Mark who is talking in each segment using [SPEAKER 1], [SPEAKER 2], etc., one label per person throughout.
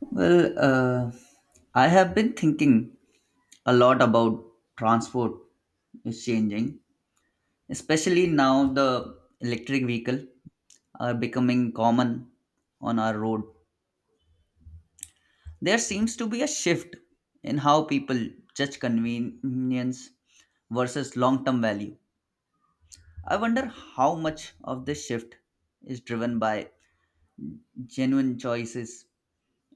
[SPEAKER 1] Well, uh, I have been thinking a lot about transport is changing, especially now the electric vehicle are becoming common on our road. There seems to be a shift in how people judge convenience versus long-term value. I wonder how much of this shift is driven by genuine choices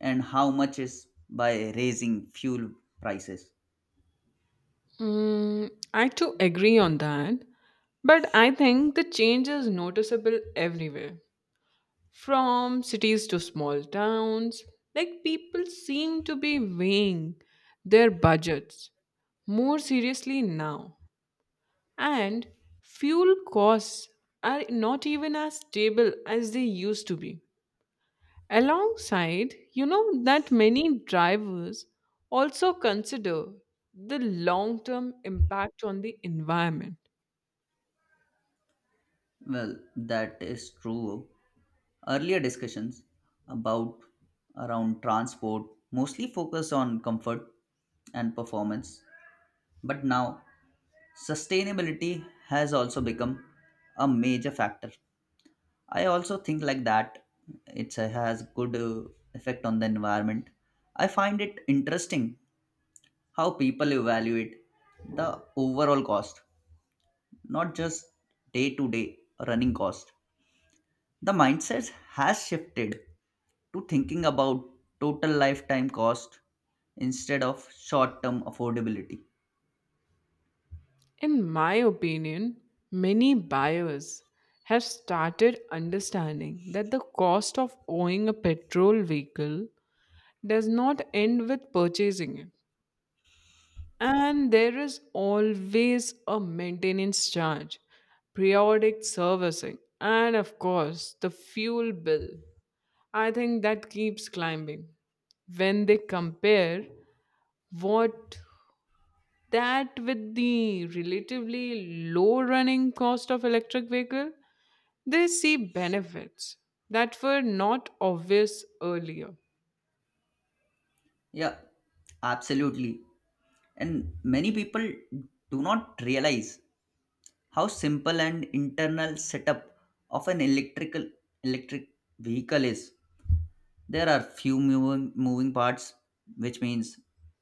[SPEAKER 1] and how much is by raising fuel prices.
[SPEAKER 2] Mm, I too agree on that. But I think the change is noticeable everywhere from cities to small towns. Like people seem to be weighing their budgets more seriously now. And fuel costs are not even as stable as they used to be. Alongside, you know that many drivers also consider the long term impact on the environment.
[SPEAKER 1] Well, that is true. Earlier discussions about around transport mostly focused on comfort and performance, but now sustainability has also become a major factor. I also think like that it has good effect on the environment. I find it interesting how people evaluate the overall cost, not just day to day running cost. The mindset has shifted to thinking about total lifetime cost instead of short term affordability.
[SPEAKER 2] In my opinion, many buyers have started understanding that the cost of owning a petrol vehicle does not end with purchasing it, and there is always a maintenance charge, periodic servicing, and of course, the fuel bill. I think that keeps climbing. When they compare what that with the relatively low running cost of electric vehicle, they see benefits that were not obvious earlier.
[SPEAKER 1] Yeah, absolutely. And many people do not realize how simple and internal setup of an electric vehicle is. There are few moving parts, which means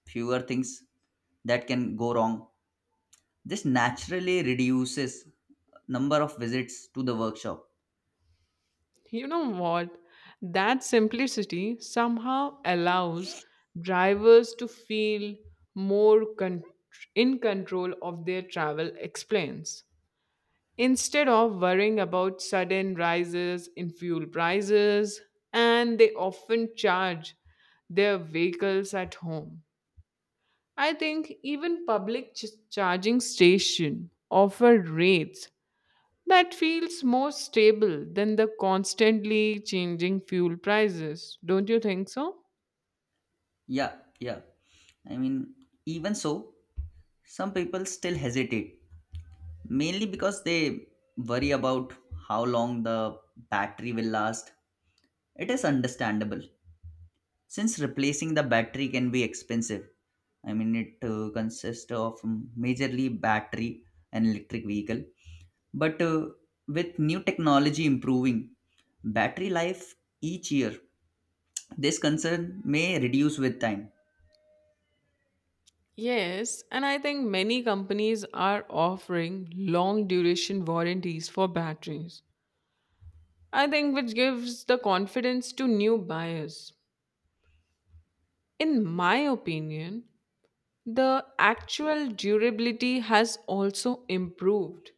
[SPEAKER 1] fewer things that can go wrong. This naturally reduces number of visits to the workshop.
[SPEAKER 2] You know what? That simplicity somehow allows drivers to feel more in control of their travel explains, instead of worrying about sudden rises in fuel prices, and they often charge their vehicles at home. I think even public charging station offer rates that feels more stable than the constantly changing fuel prices. Don't you think so?
[SPEAKER 1] Yeah, yeah. I mean, even so, some people still hesitate, mainly because they worry about how long the battery will last. It is understandable since replacing the battery can be expensive. I mean, it consists of majorly battery and electric vehicle. But with new technology improving battery life each year, this concern may reduce with time.
[SPEAKER 2] Yes, and I think many companies are offering long duration warranties for batteries I think which gives the confidence to new buyers. In my opinion, the actual durability has also improved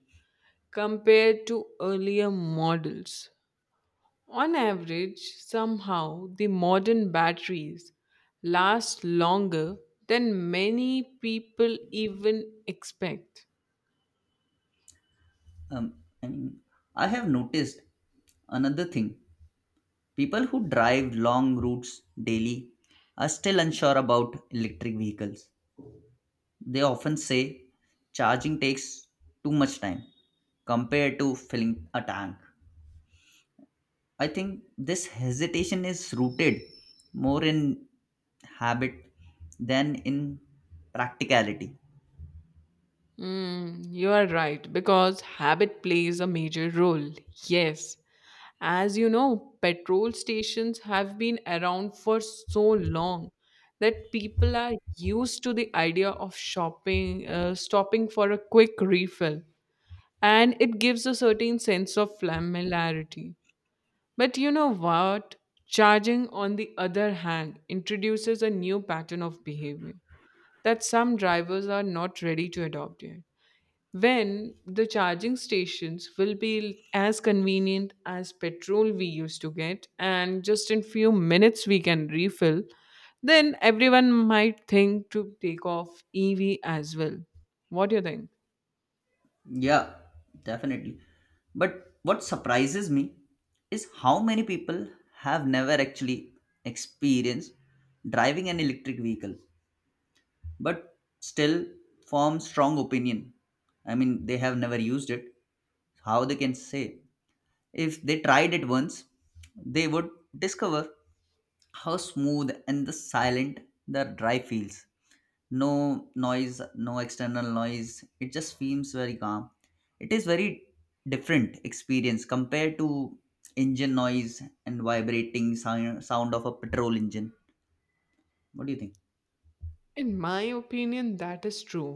[SPEAKER 2] compared to earlier models. On average, somehow the modern batteries last longer than many people even expect.
[SPEAKER 1] Um, I mean, I have noticed another thing. People who drive long routes daily are still unsure about electric vehicles. They often say charging takes too much time compared to filling a tank. I think this hesitation is rooted more in habit than in practicality.
[SPEAKER 2] Mm, you are right, because habit plays a major role. Yes, as you know, petrol stations have been around for so long that people are used to the idea of stopping for a quick refill, and it gives a certain sense of familiarity. But you know what? Charging, on the other hand, introduces a new pattern of behavior that some drivers are not ready to adopt yet. When the charging stations will be as convenient as petrol we used to get and just in few minutes we can refill, then everyone might think to take off EV as well. What do you think?
[SPEAKER 1] Yeah, definitely. But what surprises me is how many people have never actually experienced driving an electric vehicle, but still form strong opinion. I mean, they have never used it. How they can say? If they tried it once, they would discover how smooth and the silent the drive feels. No noise, no external noise, it just feels very calm. It is very different experience compared to engine noise and vibrating sound of a petrol engine. What do you think?
[SPEAKER 2] In my opinion that is true.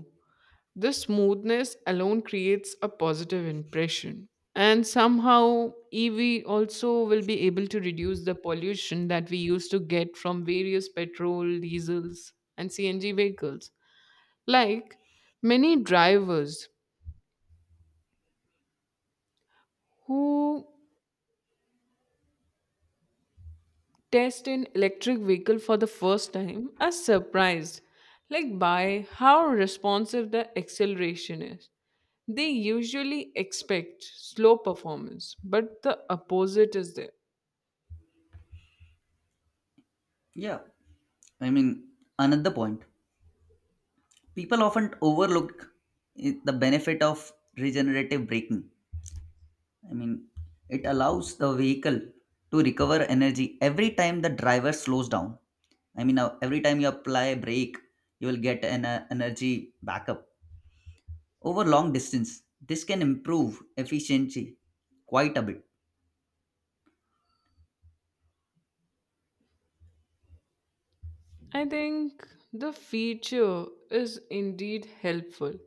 [SPEAKER 2] This smoothness alone creates a positive impression. And somehow, EV also will be able to reduce the pollution that we used to get from various petrol, diesels, and CNG vehicles. Like many drivers who test an electric vehicle for the first time are surprised like by how responsive the acceleration is. They usually expect slow performance but the opposite is there.
[SPEAKER 1] Yeah, I mean, another point people often overlook the benefit of regenerative braking. I mean, it allows the vehicle to recover energy every time the driver slows down. I mean, every time you apply brake, you will get an energy backup over long distance. This can improve efficiency quite a bit.
[SPEAKER 2] I think the feature is indeed helpful,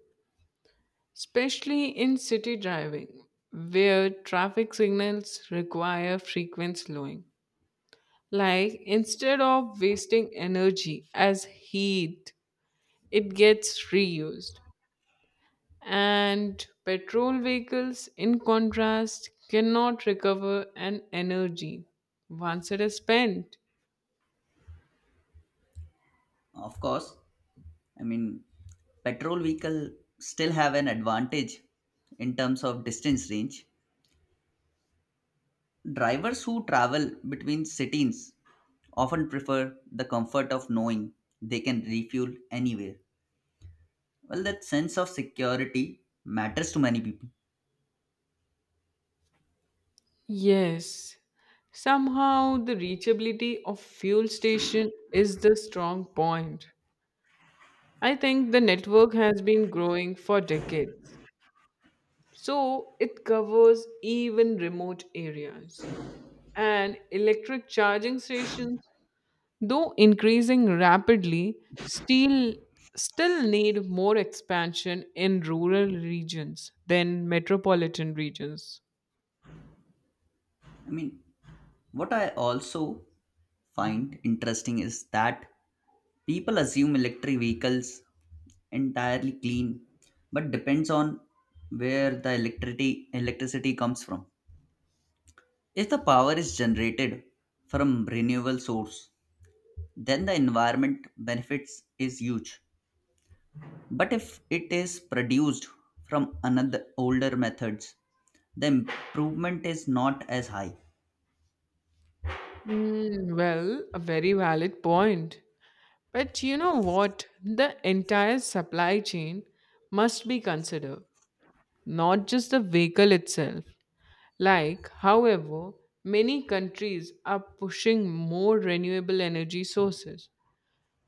[SPEAKER 2] especially in city driving where traffic signals require frequent slowing, like instead of wasting energy as heat it gets reused. And petrol vehicles, in contrast, cannot recover an energy once it is spent.
[SPEAKER 1] Of course, I mean, petrol vehicle still have an advantage in terms of distance range. Drivers who travel between cities often prefer the comfort of knowing they can refuel anywhere. Well, that sense of security matters to many people.
[SPEAKER 2] Yes, somehow the reachability of fuel station is the strong point. I think the network has been growing for decades, so it covers even remote areas. And electric charging stations, though increasing rapidly, steel still need more expansion in rural regions than metropolitan regions.
[SPEAKER 1] I mean, what I also find interesting is that people assume electric vehicles entirely clean, but depends on where the electricity comes from. If the power is generated from renewable source, then the environment benefits is huge. But if it is produced from another older methods, the improvement is not as high.
[SPEAKER 2] Hmm, well, a very valid point. But you know what? The entire supply chain must be considered, not just the vehicle itself. Like, however, many countries are pushing more renewable energy sources,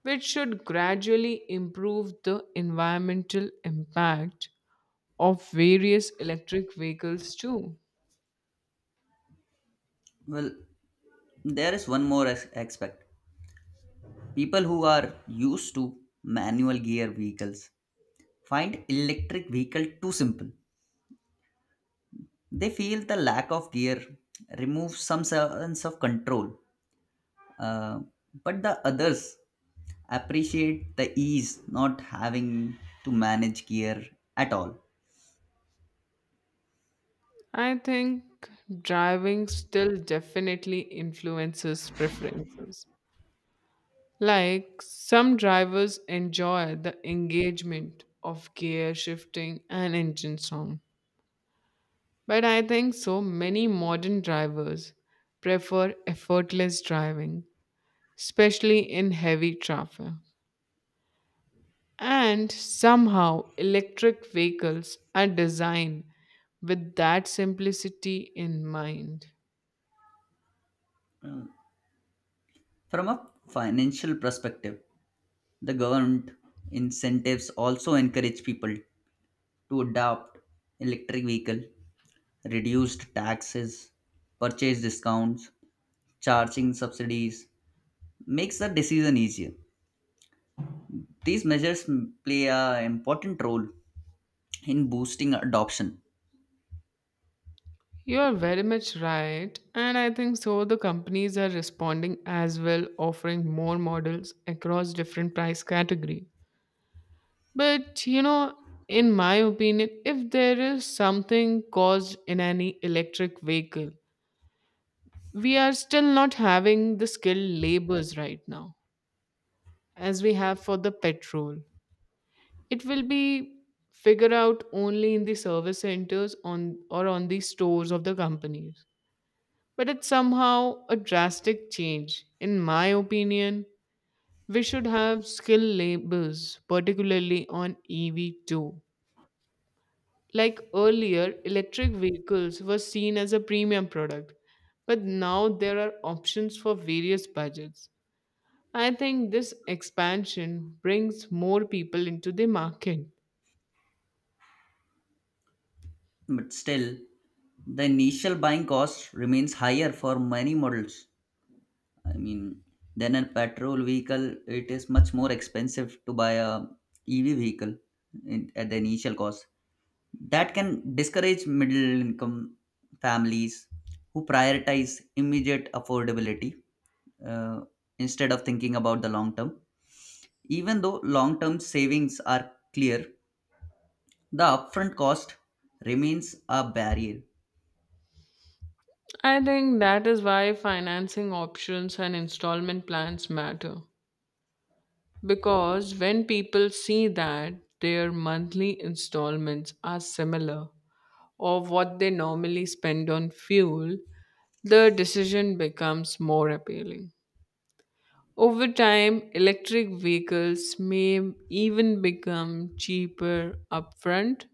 [SPEAKER 2] which should gradually improve the environmental impact of various electric vehicles too.
[SPEAKER 1] Well, there is one more aspect. People who are used to manual gear vehicles find electric vehicle too simple. They feel the lack of gear removes some sense of control. Uh, but the others appreciate the ease not having to manage gear at all.
[SPEAKER 2] I think driving still definitely influences preferences. Like some drivers enjoy the engagement of gear shifting and engine sound, but I think so many modern drivers prefer effortless driving, especially in heavy traffic. And somehow, electric vehicles are designed with that simplicity in mind.
[SPEAKER 1] From a financial perspective, the government incentives also encourage people to adopt electric vehicle, reduced taxes, purchase discounts, charging subsidies makes the decision easier. These measures play an important role in boosting adoption,
[SPEAKER 2] You are very much right, and I think so. The companies are responding as well, offering more models across different price category. But you know, in my opinion, if there is something caused in any electric vehicle, we are still not having the skilled labors right now as we have for the petrol. It will be figured out only in the service centers on or on the stores of the companies. But it's somehow a drastic change. In my opinion, we should have skill labels, particularly on EV too. Like earlier, electric vehicles were seen as a premium product, but now there are options for various budgets. I think this expansion brings more people into the market.
[SPEAKER 1] but still the initial buying cost remains higher for many models. I mean, than a petrol vehicle, it is much more expensive to buy a EV vehicle in, at the initial cost. That can discourage middle income families who prioritize immediate affordability, uh, instead of thinking about the long term. Even though long term savings are clear, the upfront cost remains a barrier.
[SPEAKER 2] I think that is why financing options and installment plans matter. Because when people see that their monthly installments are similar or what they normally spend on fuel, the decision becomes more appealing. Over time, electric vehicles may even become cheaper upfront,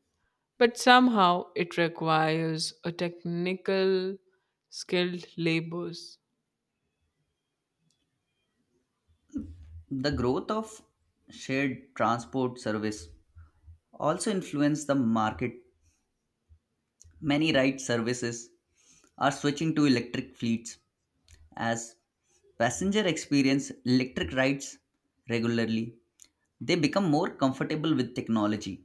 [SPEAKER 2] but somehow it requires a technical skilled labors.
[SPEAKER 1] The growth of shared transport service also influenced the market. Many ride services are switching to electric fleets. As passenger experience electric rides regularly, they become more comfortable with technology.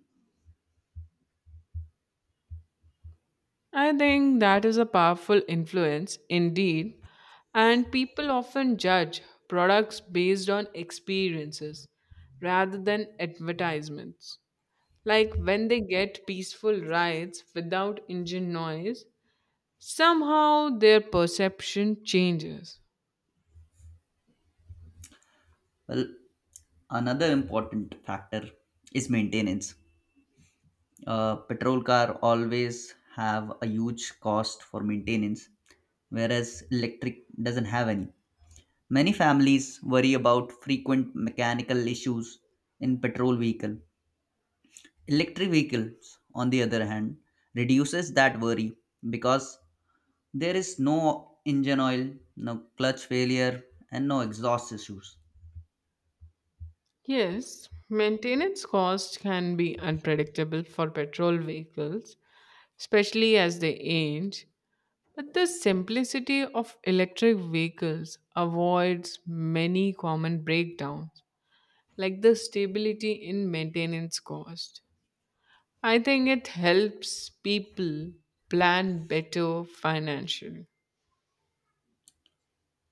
[SPEAKER 2] I think that is a powerful influence indeed, and people often judge products based on experiences rather than advertisements. Like when they get peaceful rides without engine noise, somehow their perception changes.
[SPEAKER 1] Well, another important factor is maintenance. A petrol car always have a huge cost for maintenance, whereas electric doesn't have any. Many families worry about frequent mechanical issues in petrol vehicle. Electric vehicles, on the other hand, reduces that worry because there is no engine oil, no clutch failure, and no exhaust issues.
[SPEAKER 2] Yes, maintenance costs can be unpredictable for petrol vehicles, especially as they age, but the simplicity of electric vehicles avoids many common breakdowns, like the stability in maintenance cost. I think it helps people plan better financially.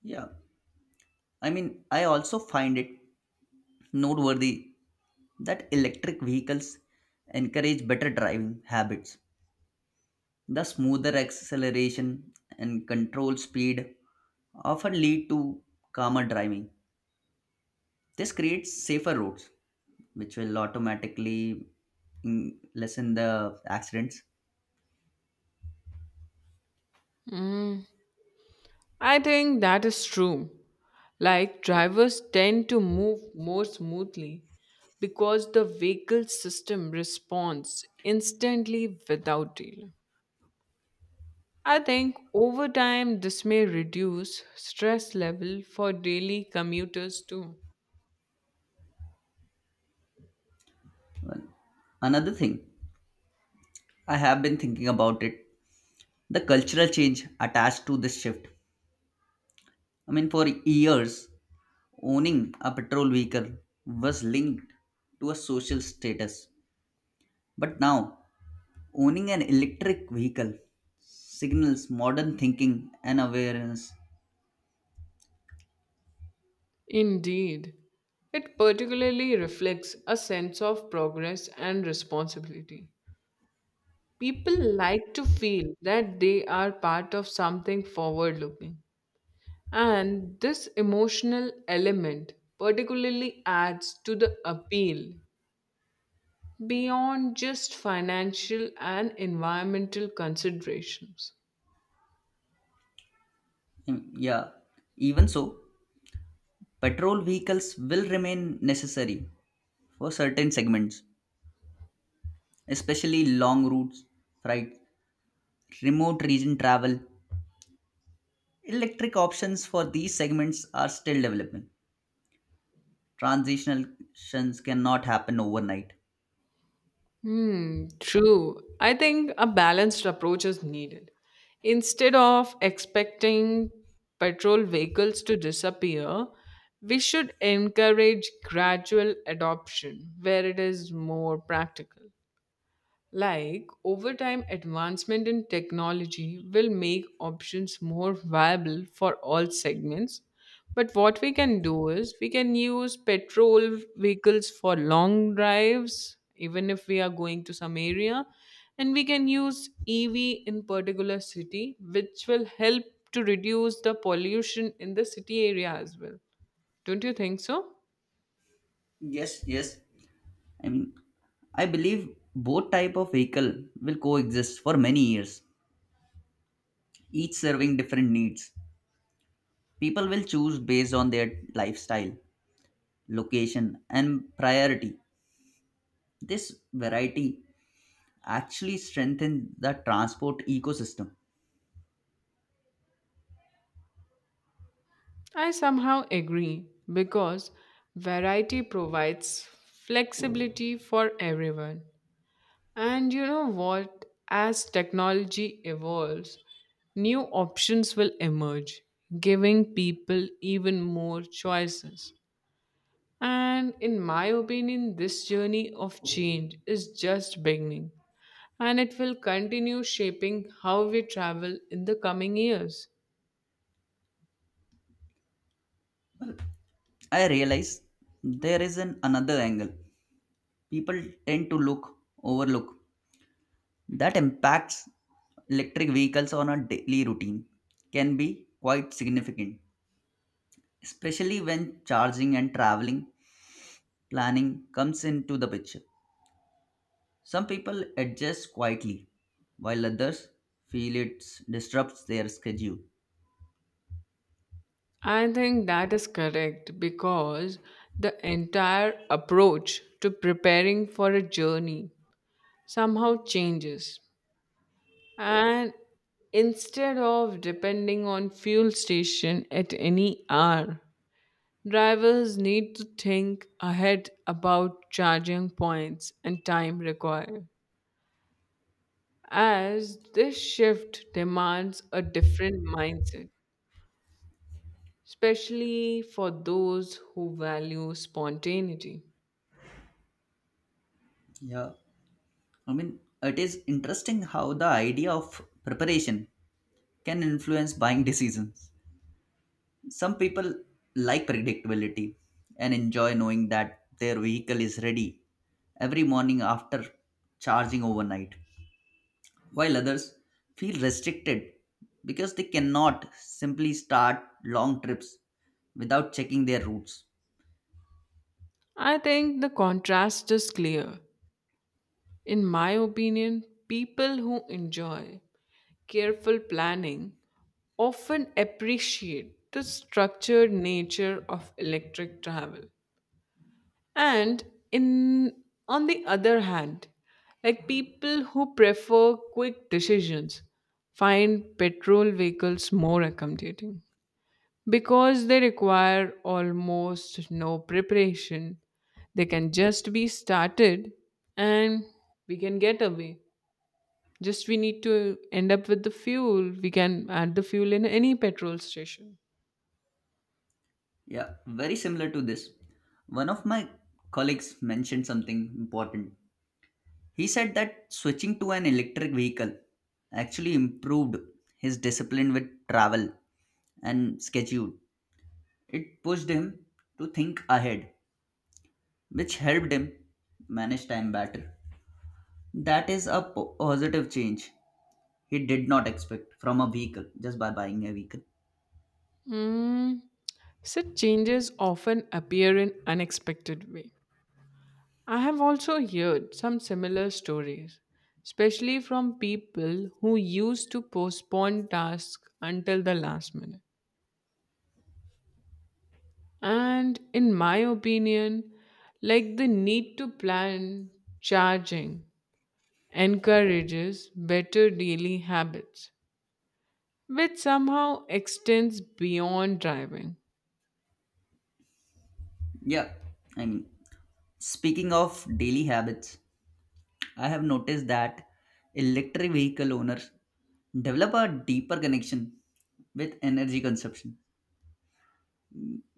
[SPEAKER 1] Yeah, I mean, I also find it noteworthy that electric vehicles encourage better driving habits. The smoother acceleration and control speed often lead to calmer driving. This creates safer roads, which will automatically lessen the accidents.
[SPEAKER 2] Mm, I think that is true. Like drivers tend to move more smoothly because the vehicle system responds instantly without delay. I think over time this may reduce stress level for daily commuters too.
[SPEAKER 1] Well, another thing, I have been thinking about it the cultural change attached to this shift. I mean, for years, owning a petrol vehicle was linked to a social status. But now, owning an electric vehicle signals modern thinking and awareness.
[SPEAKER 2] Indeed, it particularly reflects a sense of progress and responsibility. People like to feel that they are part of something forward looking, and this emotional element particularly adds to the appeal beyond just financial and environmental considerations.
[SPEAKER 1] Yeah, even so, petrol vehicles will remain necessary for certain segments, especially long routes, freight, remote region travel. Electric options for these segments are still developing. Transitions cannot happen overnight.
[SPEAKER 2] Hmm, true. I think a balanced approach is needed. Instead of expecting petrol vehicles to disappear, we should encourage gradual adoption where it is more practical. Like, over time, advancement in technology will make options more viable for all segments. But what we can do is we can use petrol vehicles for long drives, even if we are going to some area. And we can use EV in particular city, which will help to reduce the pollution in the city area as well. Don't you think so?
[SPEAKER 1] Yes, yes. I mean, I believe both type of vehicle will coexist for many years, each serving different needs. People will choose based on their lifestyle, location, and priority. This variety actually strengthens the transport ecosystem.
[SPEAKER 2] I somehow agree because variety provides flexibility for everyone. And you know what? As technology evolves, new options will emerge, giving people even more choices. And in my opinion, this journey of change is just beginning and it will continue shaping how we travel in the coming years.
[SPEAKER 1] I realize there is an another angle. People tend to look overlook that impacts electric vehicles on a daily routine can be quite significant, especially when charging and traveling planning comes into the picture. Some people adjust quietly, while others feel it disrupts their schedule.
[SPEAKER 2] I think that is correct because the entire approach to preparing for a journey somehow changes. And instead of depending on fuel station at any hour, drivers need to think ahead about charging points and time required. As this shift demands a different mindset, especially for those who value spontaneity.
[SPEAKER 1] Yeah, I mean, it is interesting how the idea of preparation can influence buying decisions. Some people like predictability and enjoy knowing that their vehicle is ready every morning after charging overnight, while others feel restricted because they cannot simply start long trips without checking their routes.
[SPEAKER 2] I think the contrast is clear. In my opinion, people who enjoy careful planning often appreciate the structured nature of electric travel. And in on the other hand, like people who prefer quick decisions find petrol vehicles more accommodating. Because they require almost no preparation, they can just be started and we can get away. Just we need to end up with the fuel. We can add the fuel in any petrol station.
[SPEAKER 1] Yeah, very similar to this. One of my colleagues mentioned something important. He said that switching to an electric vehicle actually improved his discipline with travel and schedule. It pushed him to think ahead, which helped him manage time better. That is a positive change he did not expect from a vehicle just by buying a vehicle.
[SPEAKER 2] Mm, such changes often appear in unexpected way. I have also heard some similar stories, especially from people who used to postpone tasks until the last minute. And in my opinion, like the need to plan charging encourages better daily habits, which somehow extends beyond driving.
[SPEAKER 1] Yeah, I mean, speaking of daily habits, I have noticed that electric vehicle owners develop a deeper connection with energy consumption.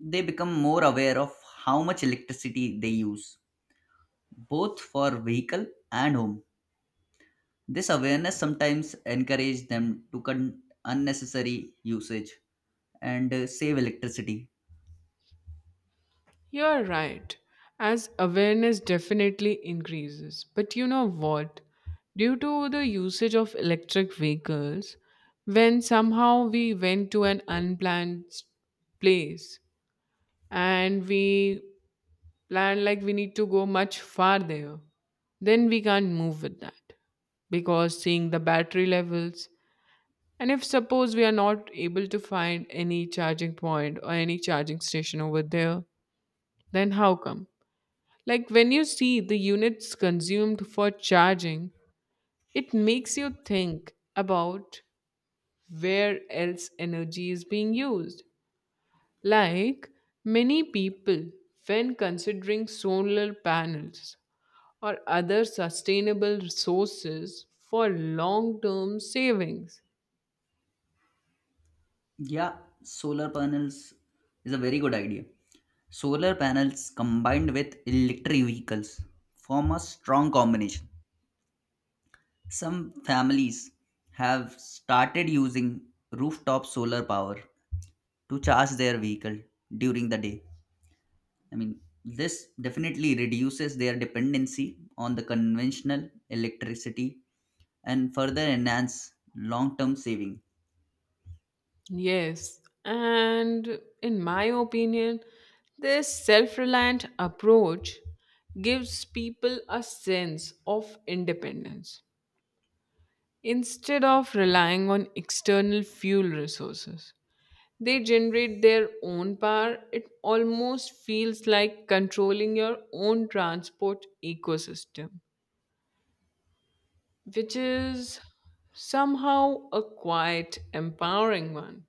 [SPEAKER 1] They become more aware of how much electricity they use, both for vehicle and home. This awareness sometimes encourages them to cut unnecessary usage and save electricity.
[SPEAKER 2] You're right, as awareness definitely increases. But you know what? Due to the usage of electric vehicles, when somehow we went to an unplanned place and we plan like we need to go much farther, then we can't move with that because seeing the battery levels and if suppose we are not able to find any charging point or any charging station over there, then how come, like when you see the units consumed for charging it makes you think about where else energy is being used, like many people when considering solar panels or other sustainable resources for long term savings.
[SPEAKER 1] Yeah, solar panels is a very good idea. Solar panels combined with electric vehicles form a strong combination. Some families have started using rooftop solar power to charge their vehicle during the day. I mean, this definitely reduces their dependency on the conventional electricity and further enhance long term saving.
[SPEAKER 2] Yes, and in my opinion, this self reliant approach gives people a sense of independence instead of relying on external fuel resources. They generate their own power. It almost feels like controlling your own transport ecosystem, which is somehow a quite empowering one.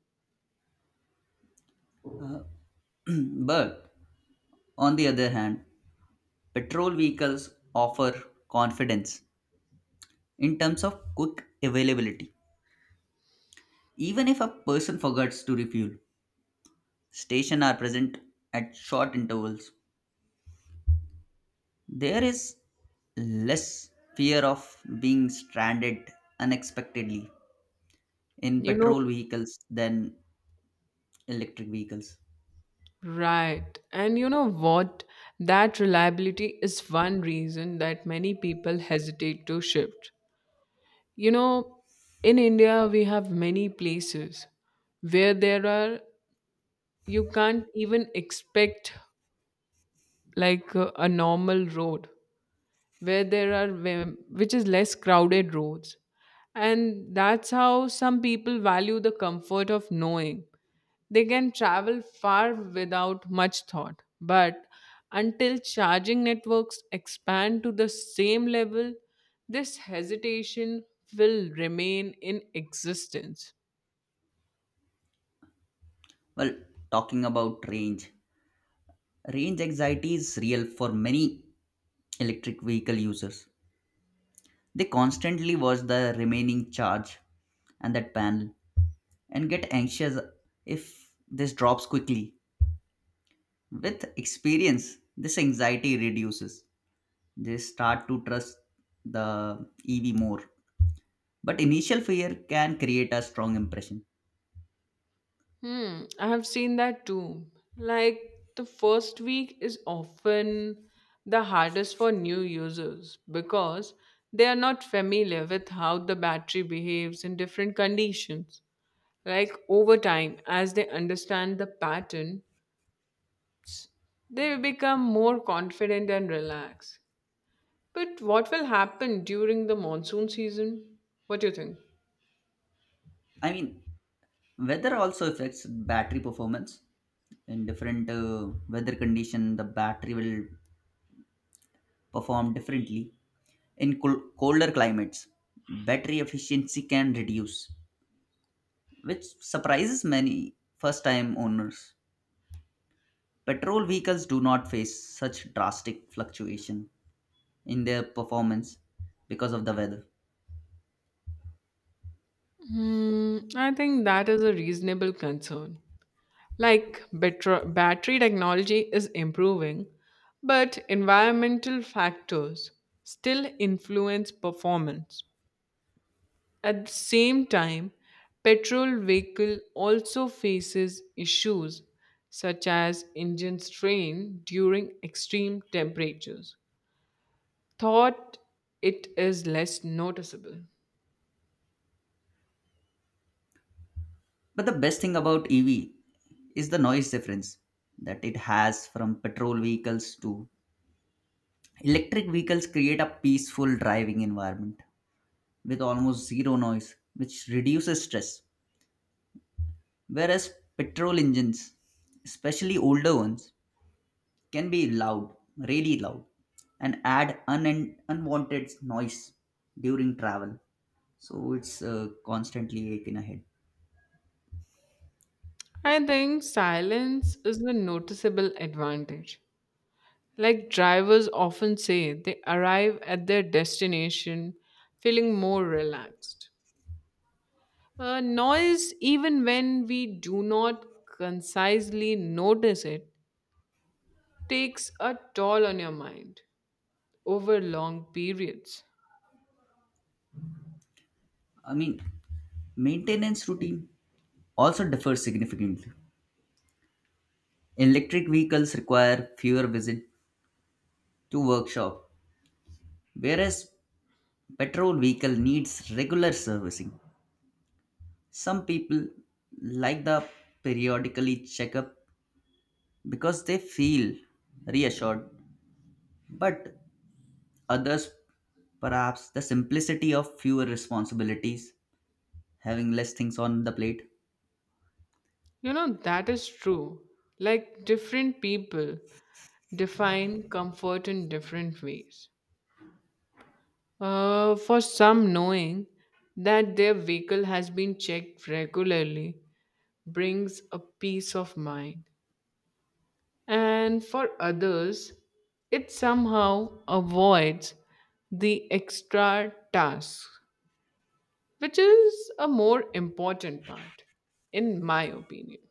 [SPEAKER 1] But on the other hand, petrol vehicles offer confidence in terms of quick availability. Even if a person forgets to refuel, stations are present at short intervals. There is less fear of being stranded unexpectedly in
[SPEAKER 2] You know,
[SPEAKER 1] petrol vehicles than electric vehicles.
[SPEAKER 2] right. And you know what? That reliability is one reason that many people hesitate to shift. You know, in India, we have many places where there are, you can't even expect like a normal road, where there are which is less crowded roads, and that's how some people value the comfort of knowing they can travel far without much thought, but until charging networks expand to the same level this hesitation will remain in existence.
[SPEAKER 1] Well, talking about range, range anxiety is real for many electric vehicle users. They constantly watch the remaining charge and that panel and get anxious if this drops quickly. With experience, this anxiety reduces. They start to trust the EV more. But initial fear can create a strong impression.
[SPEAKER 2] Hmm, I have seen that too. Like the first week is often the hardest for new users because they are not familiar with how the battery behaves in different conditions. Like over time, as they understand the pattern, they will become more confident and relaxed. But what will happen during the monsoon season? What do you think?
[SPEAKER 1] I mean, weather also affects battery performance. In different weather condition, the battery will perform differently. In colder climates, battery efficiency can reduce, which surprises many first time owners. Petrol vehicles do not face such drastic fluctuation in their performance because of the weather.
[SPEAKER 2] Hmm, I think that is a reasonable concern. Like better, battery technology is improving, but environmental factors still influence performance. At the same time, petrol vehicle also faces issues such as engine strain during extreme temperatures. Thought it is less noticeable.
[SPEAKER 1] But the best thing about EV is the noise difference that it has from petrol vehicles to electric vehicles create a peaceful driving environment with almost zero noise which reduces stress. Whereas petrol engines, especially older ones, can be loud, really loud, and add unwanted noise during travel. So it's constantly aching ahead.
[SPEAKER 2] I think silence is the noticeable advantage. Like drivers often say, they arrive at their destination feeling more relaxed. Noise, even when we do not concisely notice it, takes a toll on your mind over long periods.
[SPEAKER 1] I mean, maintenance routine also differs significantly. Electric vehicles require fewer visits to workshop, whereas petrol vehicle needs regular servicing. Some people like the periodically checkup because they feel reassured. But others, perhaps, the simplicity of fewer responsibilities, having less things on the plate.
[SPEAKER 2] You know, that is true. Like different people define comfort in different ways. For some, knowing that their vehicle has been checked regularly brings a peace of mind, and for others, it somehow avoids the extra tasks, which is a more important part, in my opinion.